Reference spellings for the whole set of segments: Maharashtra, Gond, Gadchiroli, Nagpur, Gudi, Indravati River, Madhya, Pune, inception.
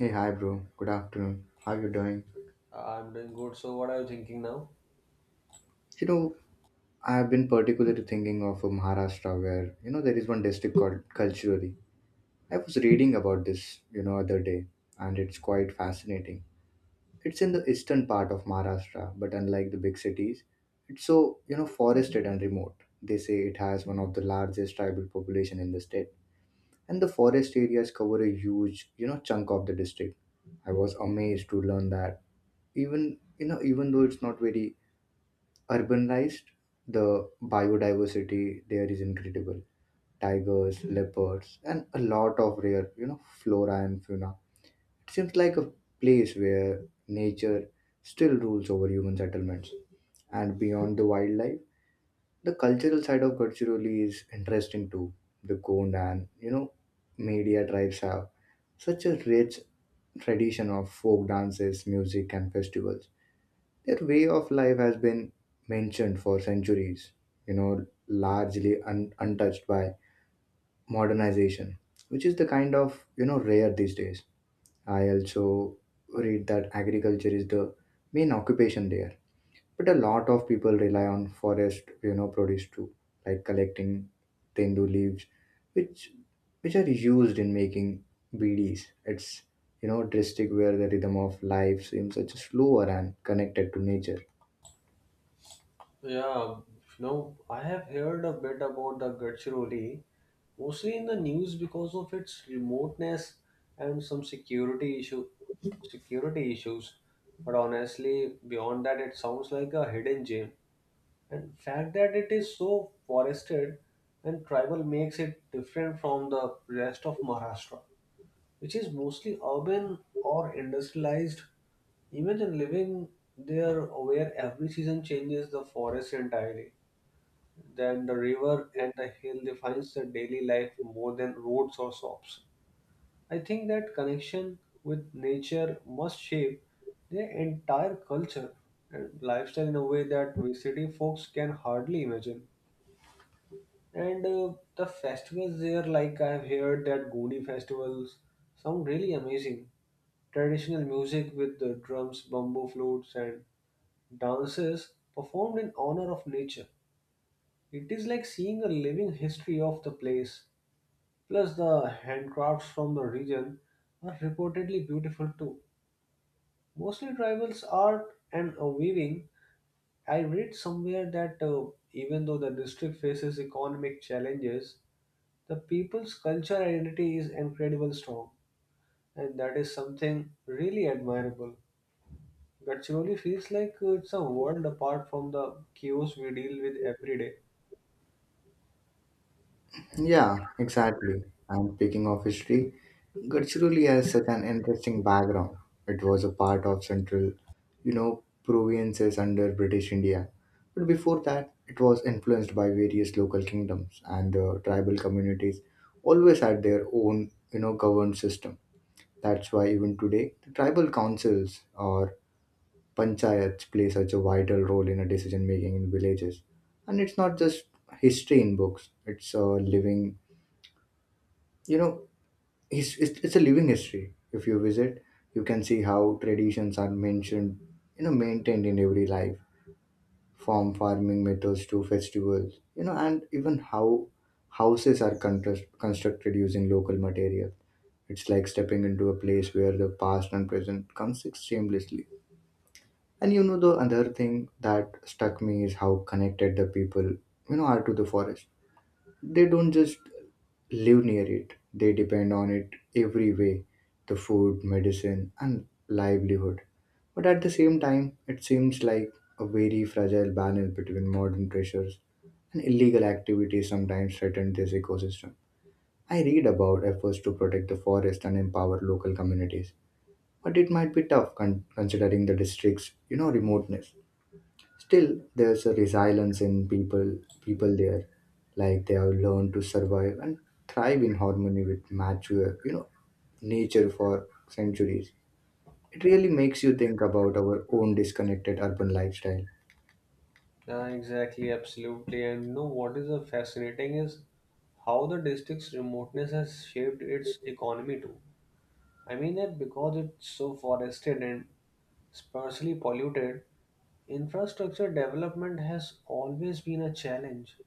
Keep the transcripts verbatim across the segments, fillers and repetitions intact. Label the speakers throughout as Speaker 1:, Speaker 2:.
Speaker 1: Hey, hi, bro. Good afternoon. How you doing?
Speaker 2: I'm doing good. So, what are you thinking now?
Speaker 1: You know, I've been particularly thinking of uh, Maharashtra, where you know there is one district called Culturally. I was reading about this, you know, other day, and it's quite fascinating. It's in the eastern part of Maharashtra, but unlike the big cities, it's so you know forested and remote. They say it has one of the largest tribal population in the state, and the forest areas cover a huge, you know, chunk of the district. I was amazed to learn that even you know even though it's not very urbanized, the biodiversity there is incredible. Tigers, leopards, and a lot of rare, you know, flora and fauna. It seems like a place where nature still rules over human settlements. And beyond the wildlife, the cultural side of Gadchiroli is interesting too. The Gond and, you know, Media tribes have such a rich tradition of folk dances, music, and festivals Their way of life has been mentioned for centuries, you know, largely un- untouched by modernization, which is the kind of, you know, rare these days. I also read that agriculture is the main occupation there, but a lot of people rely on forest, you know, produce too, like collecting tendu leaves, which which are used in making B Ds. It's you know, district where the rhythm of life seems such a slower and connected to nature.
Speaker 2: Yeah, you know, I have heard a bit about the Gadchiroli, mostly in the news because of its remoteness and some security issue, security issues. But honestly, beyond that, it sounds like a hidden gem. And fact that it is so forested and tribal makes it different from the rest of Maharashtra, which is mostly urban or industrialized. Imagine living there where every season changes the forest entirely. Then the river and the hill defines the daily life more than roads or shops. I think that connection with nature must shape their entire culture and lifestyle in a way that we city folks can hardly imagine. And uh, the festivals there, like I've heard that Gudi festivals sound really amazing. Traditional music with the drums, bamboo flutes, and dances performed in honor of nature. It is like seeing a living history of the place. Plus, the handcrafts from the region are reportedly beautiful too. Mostly tribals art and uh, weaving. I read somewhere that uh, even though the district faces economic challenges, the people's culture identity is incredibly strong, and that is something really admirable. Gadchiroli feels like uh, it's a world apart from the chaos we deal with every day.
Speaker 1: Yeah, exactly. And speaking of history, Gadchiroli has such an interesting background. It was a part of central, you know, provinces under British India. But before that, it was influenced by various local kingdoms and the tribal communities always had their own, you know, governed system. That's why even today, the tribal councils or panchayats play such a vital role in a decision making in villages. And it's not just history in books, it's a living you know his, it's, it's a living history if you visit. You can see how traditions are mentioned you know maintained in every life, from farming methods to festivals, you know and even how houses are constru- constructed using local material. It's like stepping into a place where the past and present coexist seamlessly. And you know the other thing that struck me is how connected the people you know are to the forest. They don't just live near it, they depend on it every way: the food, medicine, and livelihood. But at the same time, it seems like a very fragile balance between modern pressures and illegal activities sometimes threaten this ecosystem. I read about efforts to protect the forest and empower local communities, but it might be tough con- considering the district's, you know, remoteness. Still, there's a resilience in people people there, like they have learned to survive and thrive in harmony with mature, you know, nature for centuries. It really makes you think about our own disconnected urban lifestyle.
Speaker 2: Yeah, exactly, absolutely. And you know what is uh, fascinating is how the district's remoteness has shaped its economy too. I mean that because it's so forested and sparsely polluted, infrastructure development has always been a challenge.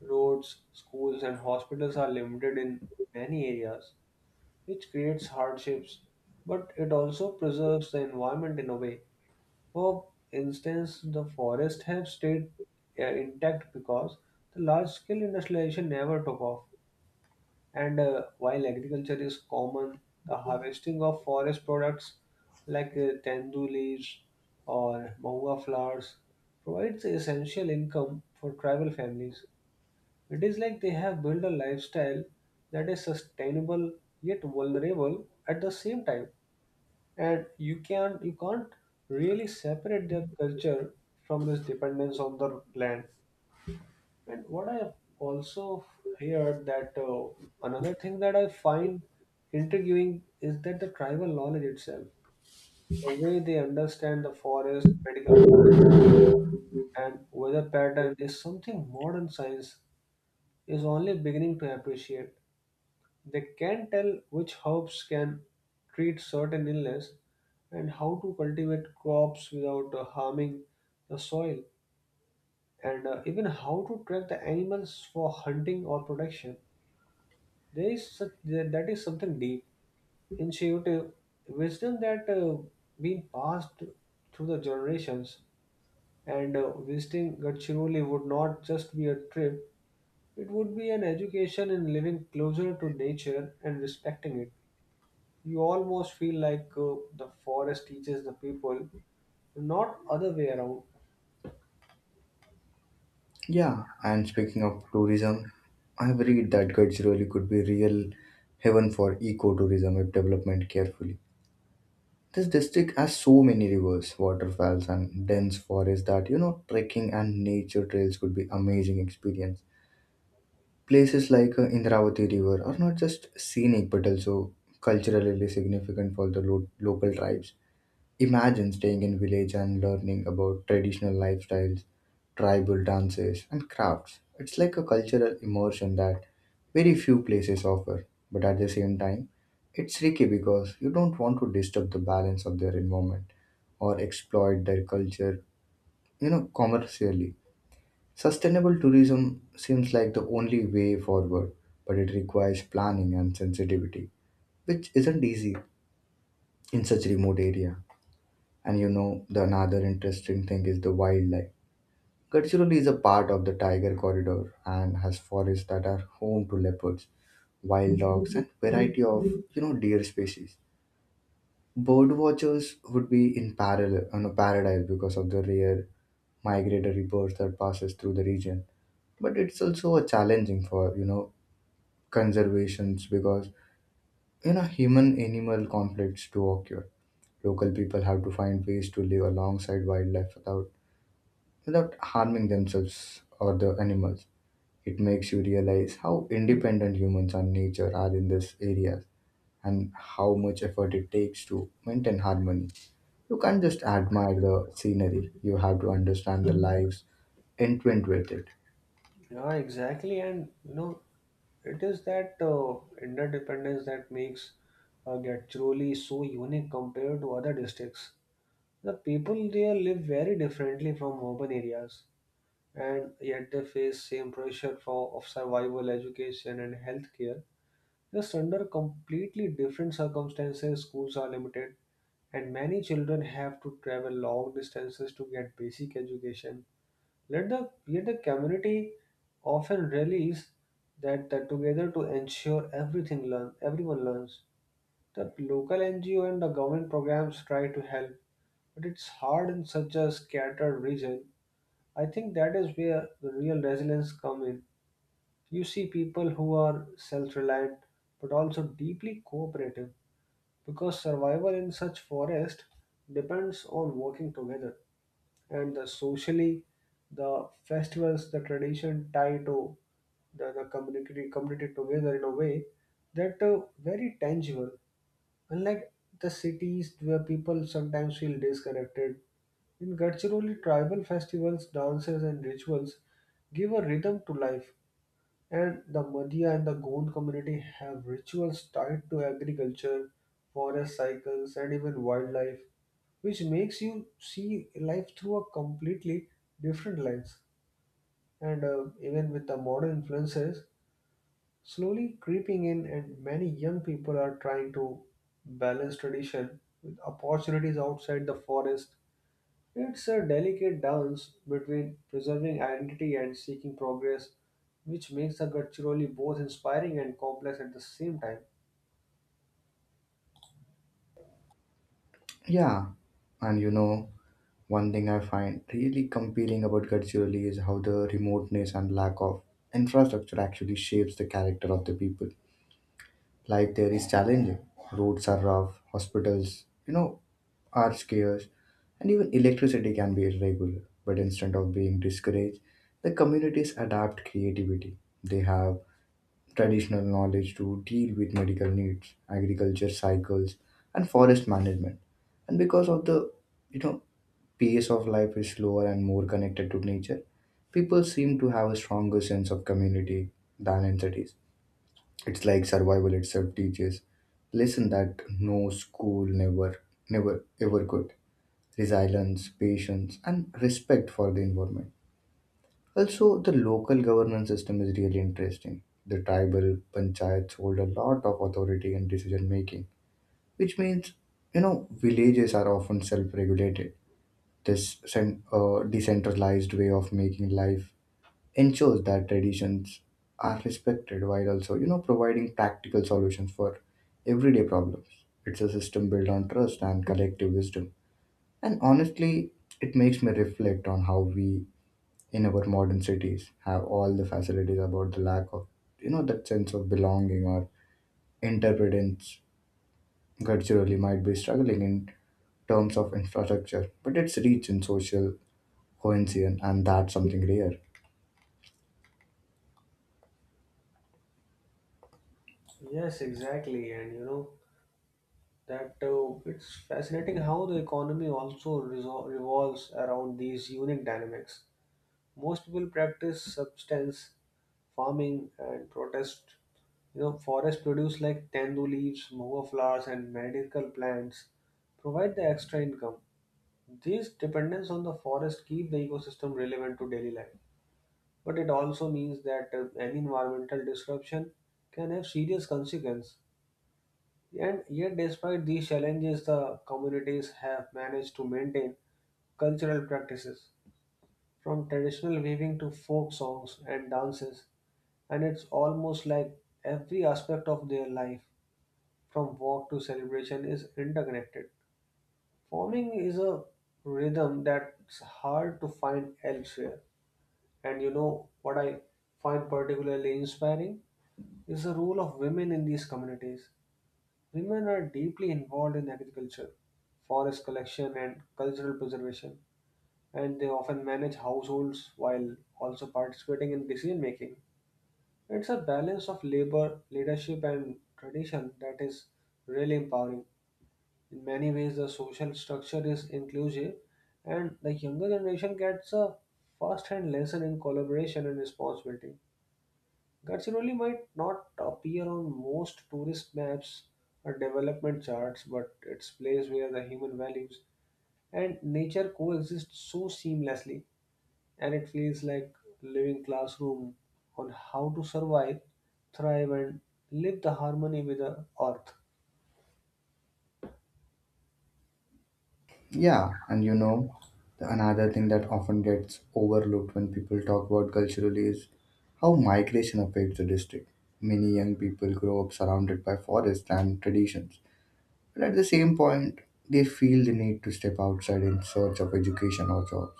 Speaker 2: Roads, schools, and hospitals are limited in many areas, which creates hardships, but it also preserves the environment in a way. For instance, the forest have stayed uh, intact because the large scale industrialization never took off. And uh, while agriculture is common, the harvesting of forest products like uh, tendu leaves or mahuwa flowers provides essential income for tribal families. It is like they have built a lifestyle that is sustainable yet vulnerable at the same time. And you can you can't really separate their culture from this dependence on the land. And what I have also heard that uh, another thing that I find intriguing is that the tribal knowledge itself, the way they understand the forest, medical, and weather pattern is something modern science is only beginning to appreciate. They can tell which herbs can treat certain illness and how to cultivate crops without uh, harming the soil, and uh, even how to track the animals for hunting or protection. There is such, there, that is something deep, intuitive wisdom that uh, been passed through the generations. And uh, visiting Gadchiroli would not just be a trip; it would be an education in living closer to nature and respecting it. You almost feel like uh, the forest teaches the people, not other way around.
Speaker 1: Yeah, and speaking of tourism, I have read that Gadchiroli could be real heaven for ecotourism if development carefully. This district has so many rivers, waterfalls, and dense forests that you know trekking and nature trails could be amazing experience. Places like uh, Indravati River are not just scenic but also culturally significant for the lo- local tribes. Imagine staying in village and learning about traditional lifestyles, tribal dances, and crafts. It's like a cultural immersion that very few places offer, but at the same time, it's tricky because you don't want to disturb the balance of their environment or exploit their culture, you know, commercially. Sustainable tourism seems like the only way forward, but it requires planning and sensitivity, which isn't easy in such remote area. And you know, the another interesting thing is the wildlife. Gadchiroli is a part of the tiger corridor and has forests that are home to leopards, wild dogs, and variety of you know deer species. Bird watchers would be in parallel on a paradise because of the rare migratory birds that passes through the region, but it's also a challenging for you know conservations, because you know human animal conflicts do occur. Local people have to find ways to live alongside wildlife without without harming themselves or the animals. It makes you realize how independent humans and nature are in this area, and how much effort it takes to maintain harmony. You can't just admire the scenery, you have to understand the lives entwined with it.
Speaker 2: Yeah, exactly. And you know, it is that uh, interdependence that makes uh, Gadchiroli so unique compared to other districts. The people there live very differently from urban areas, and yet they face same pressure for of survival, education, and healthcare. Just under completely different circumstances, schools are limited, and many children have to travel long distances to get basic education let the yet the community often relies that, that together to ensure everything learn everyone learns. The local N G O and the government programs try to help, but it's hard in such a scattered region. I think that is where the real resilience come in. You see people who are self-reliant but also deeply cooperative because survival in such forest depends on working together, and the socially, the festivals, the tradition tie to the, the community community together in a way that uh, very tangible, unlike the cities where people sometimes feel disconnected. In Gadchiroli tribal festivals, dances and rituals give a rhythm to life, and the Madhya and the Gond community have rituals tied to agriculture, forest cycles, and even wildlife, which makes you see life through a completely different lens. And uh, even with the modern influences slowly creeping in, and many young people are trying to balance tradition with opportunities outside the forest, it's a delicate dance between preserving identity and seeking progress, which makes the culturally both inspiring and complex at the same time.
Speaker 1: Yeah, and you know, one thing I find really compelling about Gadchiroli is how the remoteness and lack of infrastructure actually shapes the character of the people. Life there is challenging. Roads are rough, hospitals, you know, are scarce, and even electricity can be irregular. But instead of being discouraged, the communities adapt creativity. They have traditional knowledge to deal with medical needs, agriculture cycles, and forest management. And because of the you know pace of life is slower and more connected to nature, people seem to have a stronger sense of community than in cities. It's like survival itself teaches lesson that no school never never ever could. Resilience, patience, and respect for the environment. Also, the local governance system is really interesting. The tribal panchayats hold a lot of authority in decision making, which means, you know, villages are often self regulated. This cen- uh, decentralized way of making life ensures that traditions are respected while also, you know, providing practical solutions for everyday problems. It's a system built on trust and collective wisdom. And honestly, it makes me reflect on how we in our modern cities have all the facilities about the lack of you know that sense of belonging or interdependence. Culturally might be struggling in terms of infrastructure, but it's rich in social cohesion, and that's something rare.
Speaker 2: Yes, exactly, and you know that uh, it's fascinating how the economy also resol- revolves around these unique dynamics. Most people practice substance farming and protest, you know, forest produce like tandu leaves, moha flowers, and medical plants provide the extra income. These dependence on the forest keep the ecosystem relevant to daily life, but it also means that uh, any environmental disruption can have serious consequences. And yet, despite these challenges, the communities have managed to maintain cultural practices, from traditional weaving to folk songs and dances, and it's almost like every aspect of their life, from walk to celebration, is interconnected. Farming is a rhythm that's hard to find elsewhere. And you know what I find particularly inspiring is the role of women in these communities. Women are deeply involved in agriculture, forest collection, and cultural preservation, and they often manage households while also participating in decision making. It's a balance of labor, leadership, and tradition that is really empowering. In many ways, the social structure is inclusive, and the younger generation gets a first hand lesson in collaboration and responsibility. Gadchiroli might not appear on most tourist maps or development charts, but it's place where the human values and nature coexist so seamlessly, and it feels like living classroom on how to survive, thrive, and live the harmony with the earth.
Speaker 1: Yeah, and you know the another thing that often gets overlooked when people talk about culturally is how migration affects the district. Many young people grow up surrounded by forests and traditions. But at the same point, they feel the need to step outside in search of education or jobs.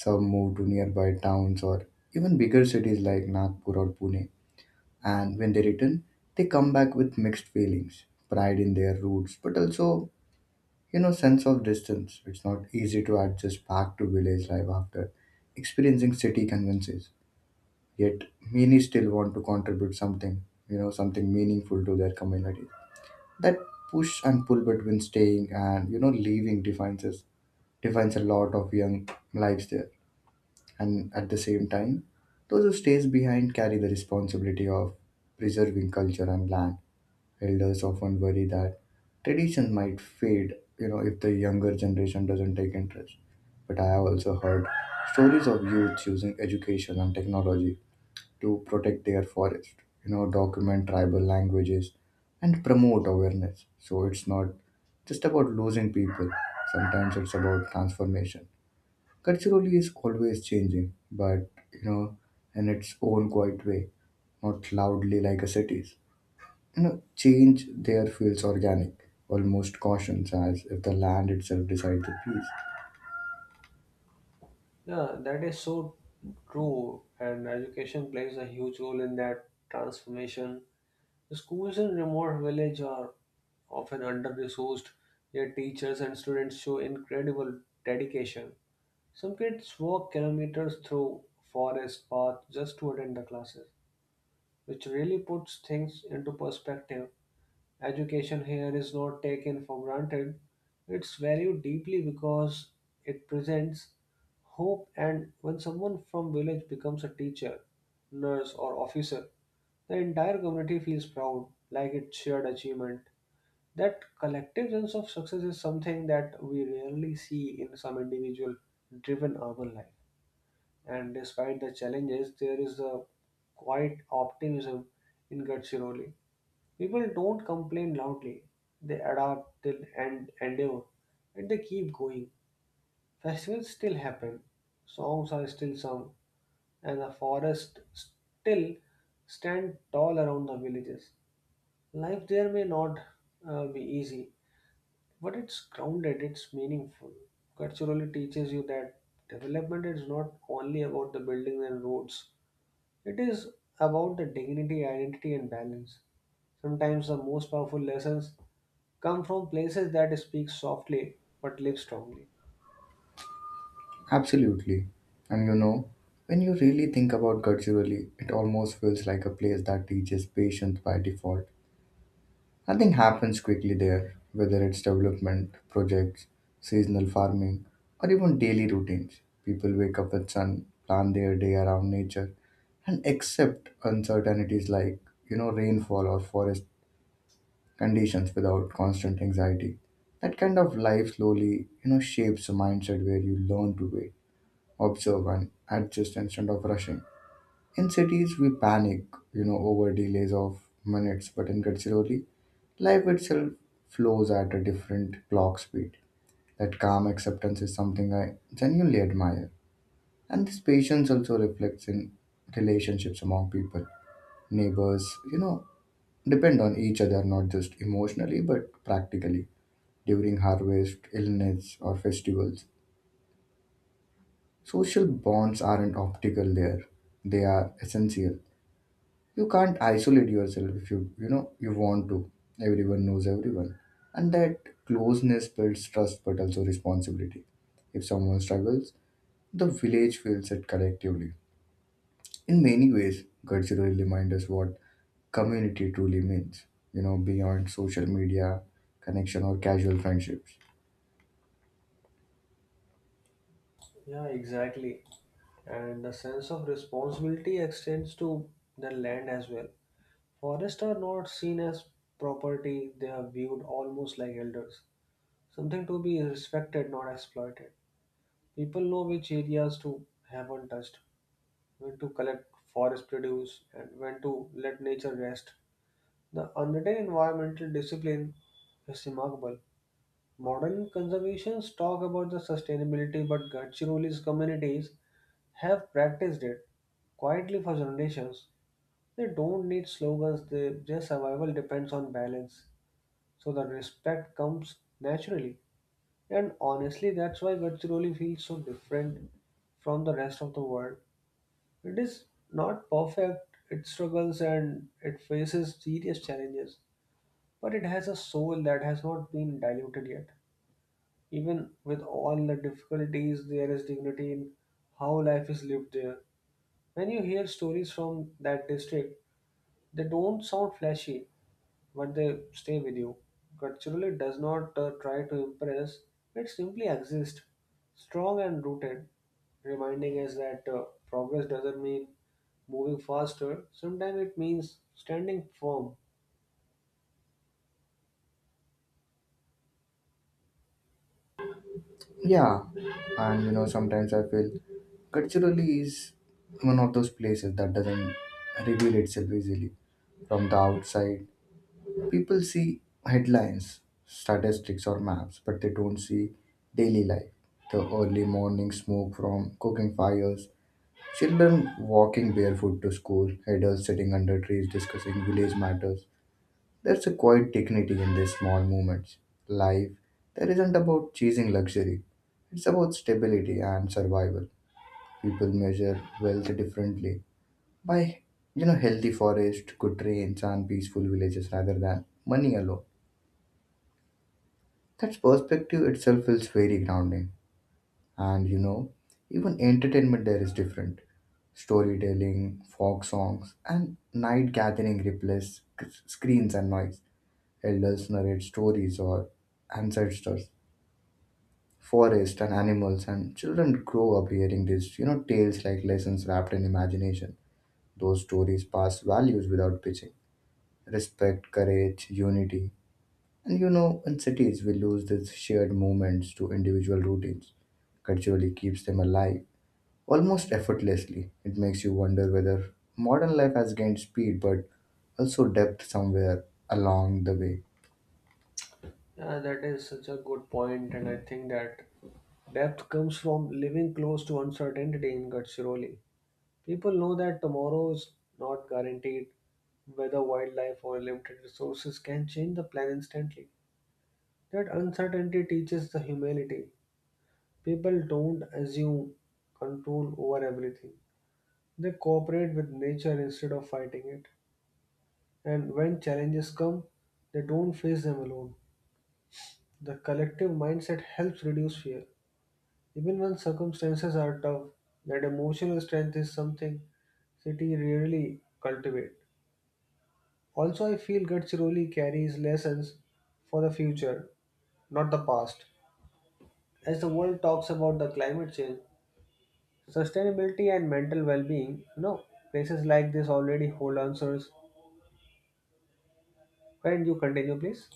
Speaker 1: Some move to nearby towns or even bigger cities like Nagpur or Pune. And when they return, they come back with mixed feelings, pride in their roots, but also, you know, sense of distance. It's not easy to adjust back to village life after experiencing city conventions. Yet many still want to contribute something, you know, something meaningful to their communities. That push and pull between staying and you know leaving defines us defines a lot of young lives there. And at the same time, those who stays behind carry the responsibility of preserving culture and land. Elders often worry that tradition might fade you know if the younger generation doesn't take interest. But I have also heard stories of youth using education and technology to protect their forest, you know, document tribal languages, and promote awareness. So it's not just about losing people. Sometimes it's about transformation. Culturally is always changing, but you know, in its own quiet way, not loudly like a cities. You know, change there feels organic, almost cautious, as if the land itself decides the peace.
Speaker 2: Yeah, that is so true, and education plays a huge role in that transformation. The schools in remote villages are often under-resourced, yet teachers and students show incredible dedication. Some kids walk kilometers through forest paths just to attend the classes, which really puts things into perspective. Education here is not taken for granted. It's valued deeply because it presents hope, and when someone from village becomes a teacher, nurse or officer, the entire community feels proud, like it's shared achievement. That collective sense of success is something that we rarely see in some individual driven urban life. And despite the challenges, there is a quiet optimism in Gadchiroli. People don't complain loudly. They adapt till and endeavor, and they keep going. Festivals still happen, songs are still sung, and the forest still stand tall around the villages. Life there may not uh, be easy, but it's grounded, it's meaningful. Culturally teaches you that development is not only about the buildings and roads. It is about the dignity, identity, and balance. Sometimes the most powerful lessons come from places that speak softly but live strongly.
Speaker 1: Absolutely. And you know, when you really think about Gadchiroli, it almost feels like a place that teaches patience by default. Nothing happens quickly there, whether it's development, projects, seasonal farming, or even daily routines. People wake up with sun, plan their day around nature, and accept uncertainties like, you know, rainfall or forest conditions without constant anxiety. That kind of life slowly, you know, shapes a mindset where you learn to wait, observe, and adjust instead of rushing. In cities, we panic, you know, over delays of minutes, but in Gadchiroli, life itself flows at a different clock speed. That calm acceptance is something I genuinely admire. And this patience also reflects in relationships among people. Neighbors, you know, depend on each other not just emotionally but practically during harvest, illness, or festivals. Social bonds aren't optical there, they are essential. You can't isolate yourself if you you know you want to. Everyone knows everyone, and that closeness builds trust but also responsibility. If someone struggles, the village feels it collectively. In many ways, cultural reminds us what community truly means, you know beyond social media connection or casual friendships.
Speaker 2: Yeah, exactly. And the sense of responsibility extends to the land as well. Forests are not seen as property, they are viewed almost like elders, something to be respected, not exploited. People know which areas to have untouched, when to collect forest produce, and when to let nature rest. The unwritten environmental discipline is remarkable. Modern conservationists talk about the sustainability, but Gadchiroli's communities have practiced it quietly for generations. They don't need slogans, they, their survival depends on balance. So the respect comes naturally. And honestly, that's why Gadchiroli feels so different from the rest of the world. It is not perfect, it struggles and it faces serious challenges, but it has a soul that has not been diluted yet. Even with all the difficulties, there is dignity in how life is lived there. When you hear stories from that district, they don't sound flashy, but they stay with you. Culturally, it does not uh, try to impress, it simply exists, strong and rooted, reminding us that uh, progress doesn't mean moving faster, sometimes it means standing firm.
Speaker 1: Yeah, and you know sometimes I feel culturally is one of those places that doesn't reveal itself easily from the outside. People see headlines, statistics, or maps, but they don't see daily life. The early morning smoke from cooking fires, children walking barefoot to school, adults sitting under trees discussing village matters. There's a quiet dignity in these small moments. Life that isn't about chasing luxury, it's about stability and survival. People measure wealth differently, by you know healthy forest, good rains, and peaceful villages rather than money alone. That perspective itself feels very grounding. And you know, even entertainment there is different. Storytelling, folk songs, and night gathering replace sc- screens and noise. Elders narrate stories or ancestors, forest and animals, and children grow up hearing these, you know, tales like lessons wrapped in imagination. Those stories pass values without pitching. Respect, courage, unity, And you know, in cities, we lose these shared moments to individual routines. Culturally keeps them alive almost effortlessly. It makes you wonder whether modern life has gained speed but also depth somewhere along the way.
Speaker 2: Yeah, that is such a good point, and I think that depth comes from living close to uncertainty in Gadchiroli. People know that tomorrow is not guaranteed, whether wildlife or limited resources can change the plan instantly. That uncertainty teaches the humility. People don't assume control over everything. They cooperate with nature instead of fighting it. And when challenges come, they don't face them alone. The collective mindset helps reduce fear. Even when circumstances are tough, that emotional strength is something city rarely cultivate. Also, I feel Gadchiroli carries lessons for the future, not the past. As the world talks about the climate change, sustainability and mental well-being, you know, places like this already hold answers. Can you continue, please?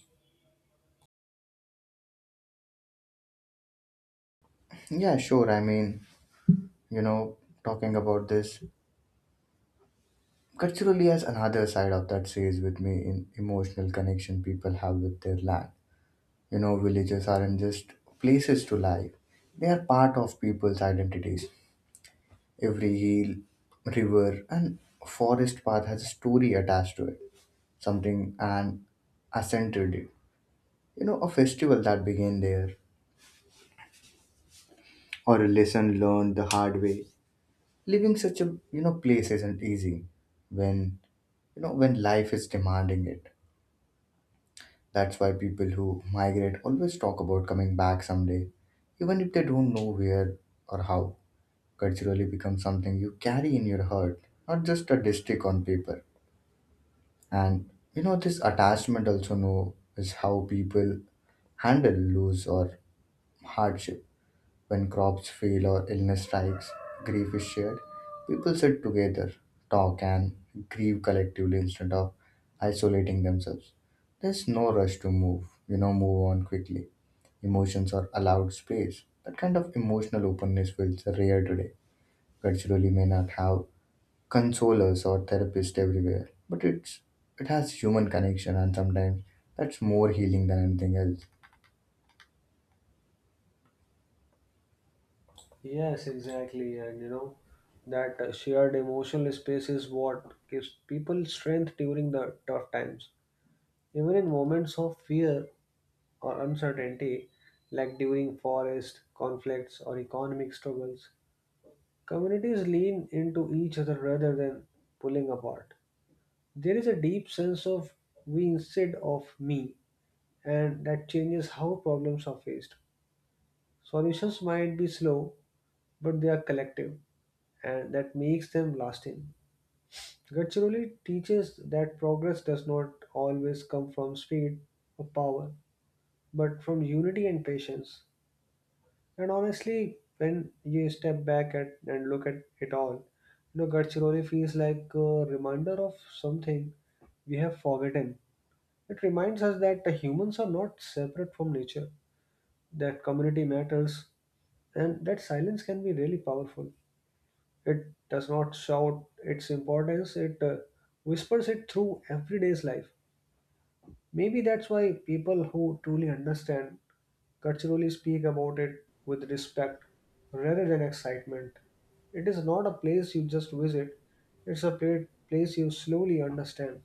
Speaker 1: Yeah, sure. I mean, you know, talking about this culturally has another side of that stays with me in emotional connection people have with their land. You know, villages aren't just places to live; they are part of people's identities. Every hill, river, and forest path has a story attached to it, something and ascender did. You know, a festival that began there, or a lesson learned the hard way. Living such a you know place isn't easy when you know when life is demanding it. That's why people who migrate always talk about coming back someday, even if they don't know where or how. Culturally becomes something you carry in your heart, not just a district on paper. And you know, this attachment also know is how people handle loss or hardship. When crops fail or illness strikes, grief is shared. People sit together, talk, and grieve collectively instead of isolating themselves. There's no rush to move, you know, move on quickly. Emotions are allowed space. That kind of emotional openness feels rare today. Culturally, may not have consolers or therapists everywhere, but it's it has human connection, and sometimes that's more healing than anything else.
Speaker 2: Yes, exactly. And you know, that uh, shared emotional space is what gives people strength during the tough times. Even in moments of fear, or uncertainty, like during forest conflicts or economic struggles, communities lean into each other rather than pulling apart. There is a deep sense of we instead of me, and that changes how problems are faced. Solutions might be slow, but they are collective, and that makes them lasting. Culturally teaches that progress does not always come from speed or power, but from unity and patience. And honestly, when you step back at and look at it all, you know, Gadchiroli feels like a reminder of something we have forgotten. It reminds us that the humans are not separate from nature, that community matters, and that silence can be really powerful. It does not shout its importance, it uh, whispers it through everyday's life. Maybe that's why people who truly understand culturally speak about it with respect rather than excitement. It is not a place you just visit, it's a pla- place you slowly understand.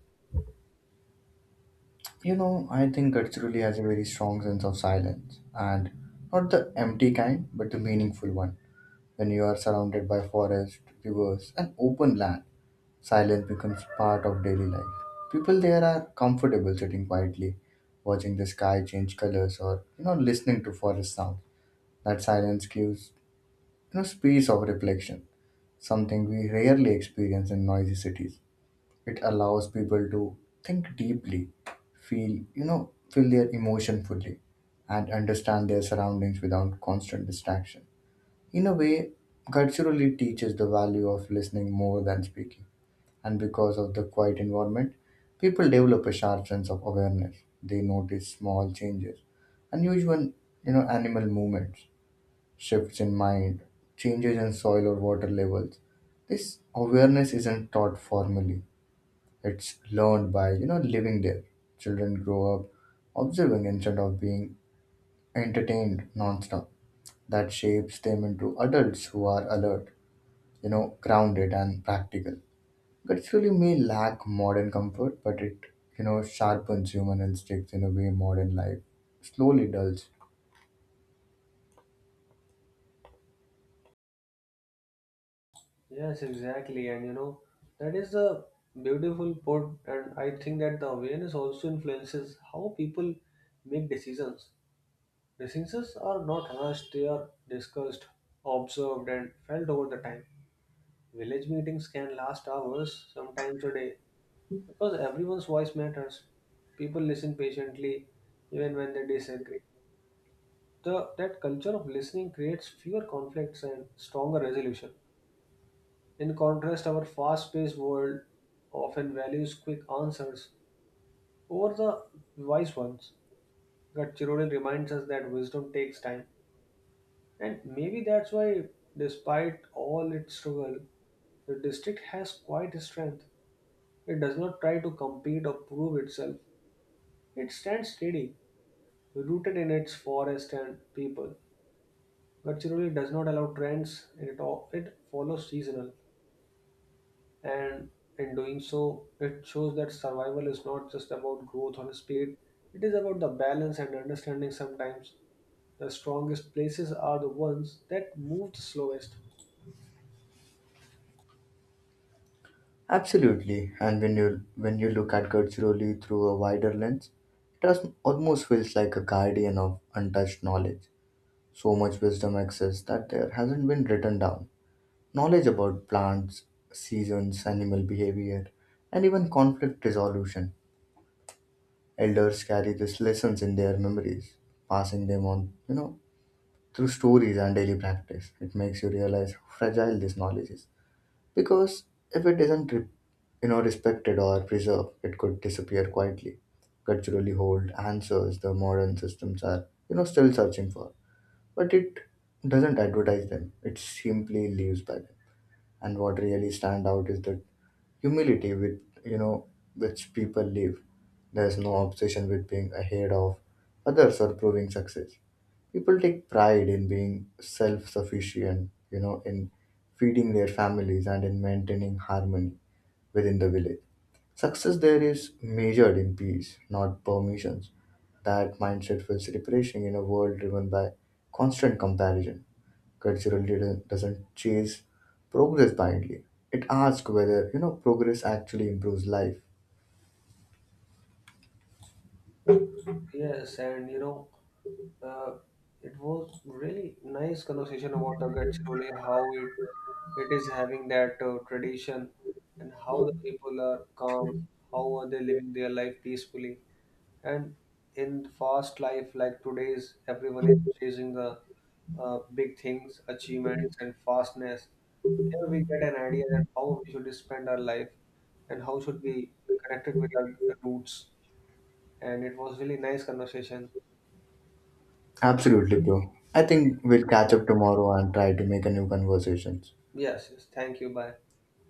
Speaker 1: You know, I think Gadchiroli has a very strong sense of silence, and not the empty kind, but the meaningful one. When you are surrounded by forest, rivers, and open land, silence becomes part of daily life. People there are comfortable sitting quietly, watching the sky change colors, or you know, listening to forest sound. That silence gives you know space of reflection something we rarely experience in noisy cities. It allows people to think deeply, feel, you know, feel their emotion fully, and understand their surroundings without constant distraction. In a way, culturally teaches the value of listening more than speaking. And because of the quiet environment, people develop a sharp sense of awareness. They notice small changes, unusual, you know, animal movements shifts in mind, changes in soil or water levels. This awareness isn't taught formally. It's learned by, you know, living there. Children grow up observing instead of being entertained nonstop. That shapes them into adults who are alert, you know, grounded and practical. Culturally may lack modern comfort, but it, you know, sharpens human instincts in a way modern life slowly dulls.
Speaker 2: Yes, exactly. And you know, that is the beautiful part. And I think that the awareness also influences how people make decisions. Decisions are not rushed, they are discussed, observed, and felt over the time. Village meetings can last hours, sometimes a day, because everyone's voice matters. People listen patiently even when they disagree. The, that culture of listening creates fewer conflicts and stronger resolution. In contrast, our fast paced world often values quick answers over the wise ones. But Chirodil reminds us that wisdom takes time. And maybe that's why, despite all its struggle, the district has quite a strength. It does not try to compete or prove itself. It stands steady rooted in its forest and people. Gadchiroli does not allow trends, and it, all, it follows seasonal. And in doing so, it shows that survival is not just about growth or speed, it is about the balance and understanding sometimes. The strongest places are the ones that move the slowest.
Speaker 1: Absolutely. And when you when you look at culturally through a wider lens, it has almost feels like a guardian of untouched knowledge. So much wisdom exists that there hasn't been written down. Knowledge about plants, seasons, animal behavior, and even conflict resolution. Elders carry these lessons in their memories, passing them on, you know, through stories and daily practice. It makes you realize how fragile this knowledge is because if it isn't re- you know respected or preserved, it could disappear quietly. Culturally hold answers the modern systems are you know still searching for, but it doesn't advertise them. It simply lives by them. And what really stand out is the humility with you know which people live. There's no obsession with being ahead of others or proving success. People take pride in being self-sufficient, you know, in feeding their families and in maintaining harmony within the village. Success there is measured in peace, not permissions. That mindset feels refreshing in a world driven by constant comparison. Cultural leader doesn't chase progress blindly. It asks whether you know progress actually improves life.
Speaker 2: Yes, and you know, uh, it was really nice conversation about the Gadchiroli, how it it is having that uh, tradition, and how the people are calm, how are they living their life peacefully, and in fast life like today's, everyone is chasing the uh, big things, achievements, and fastness. Here we get an idea that how we should spend our life, and how should we connect it with our roots, and it was really nice conversation.
Speaker 1: Absolutely, bro. I think we'll catch up tomorrow and try to make a new conversations.
Speaker 2: Yes, yes. Thank you. Bye.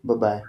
Speaker 1: Bye bye.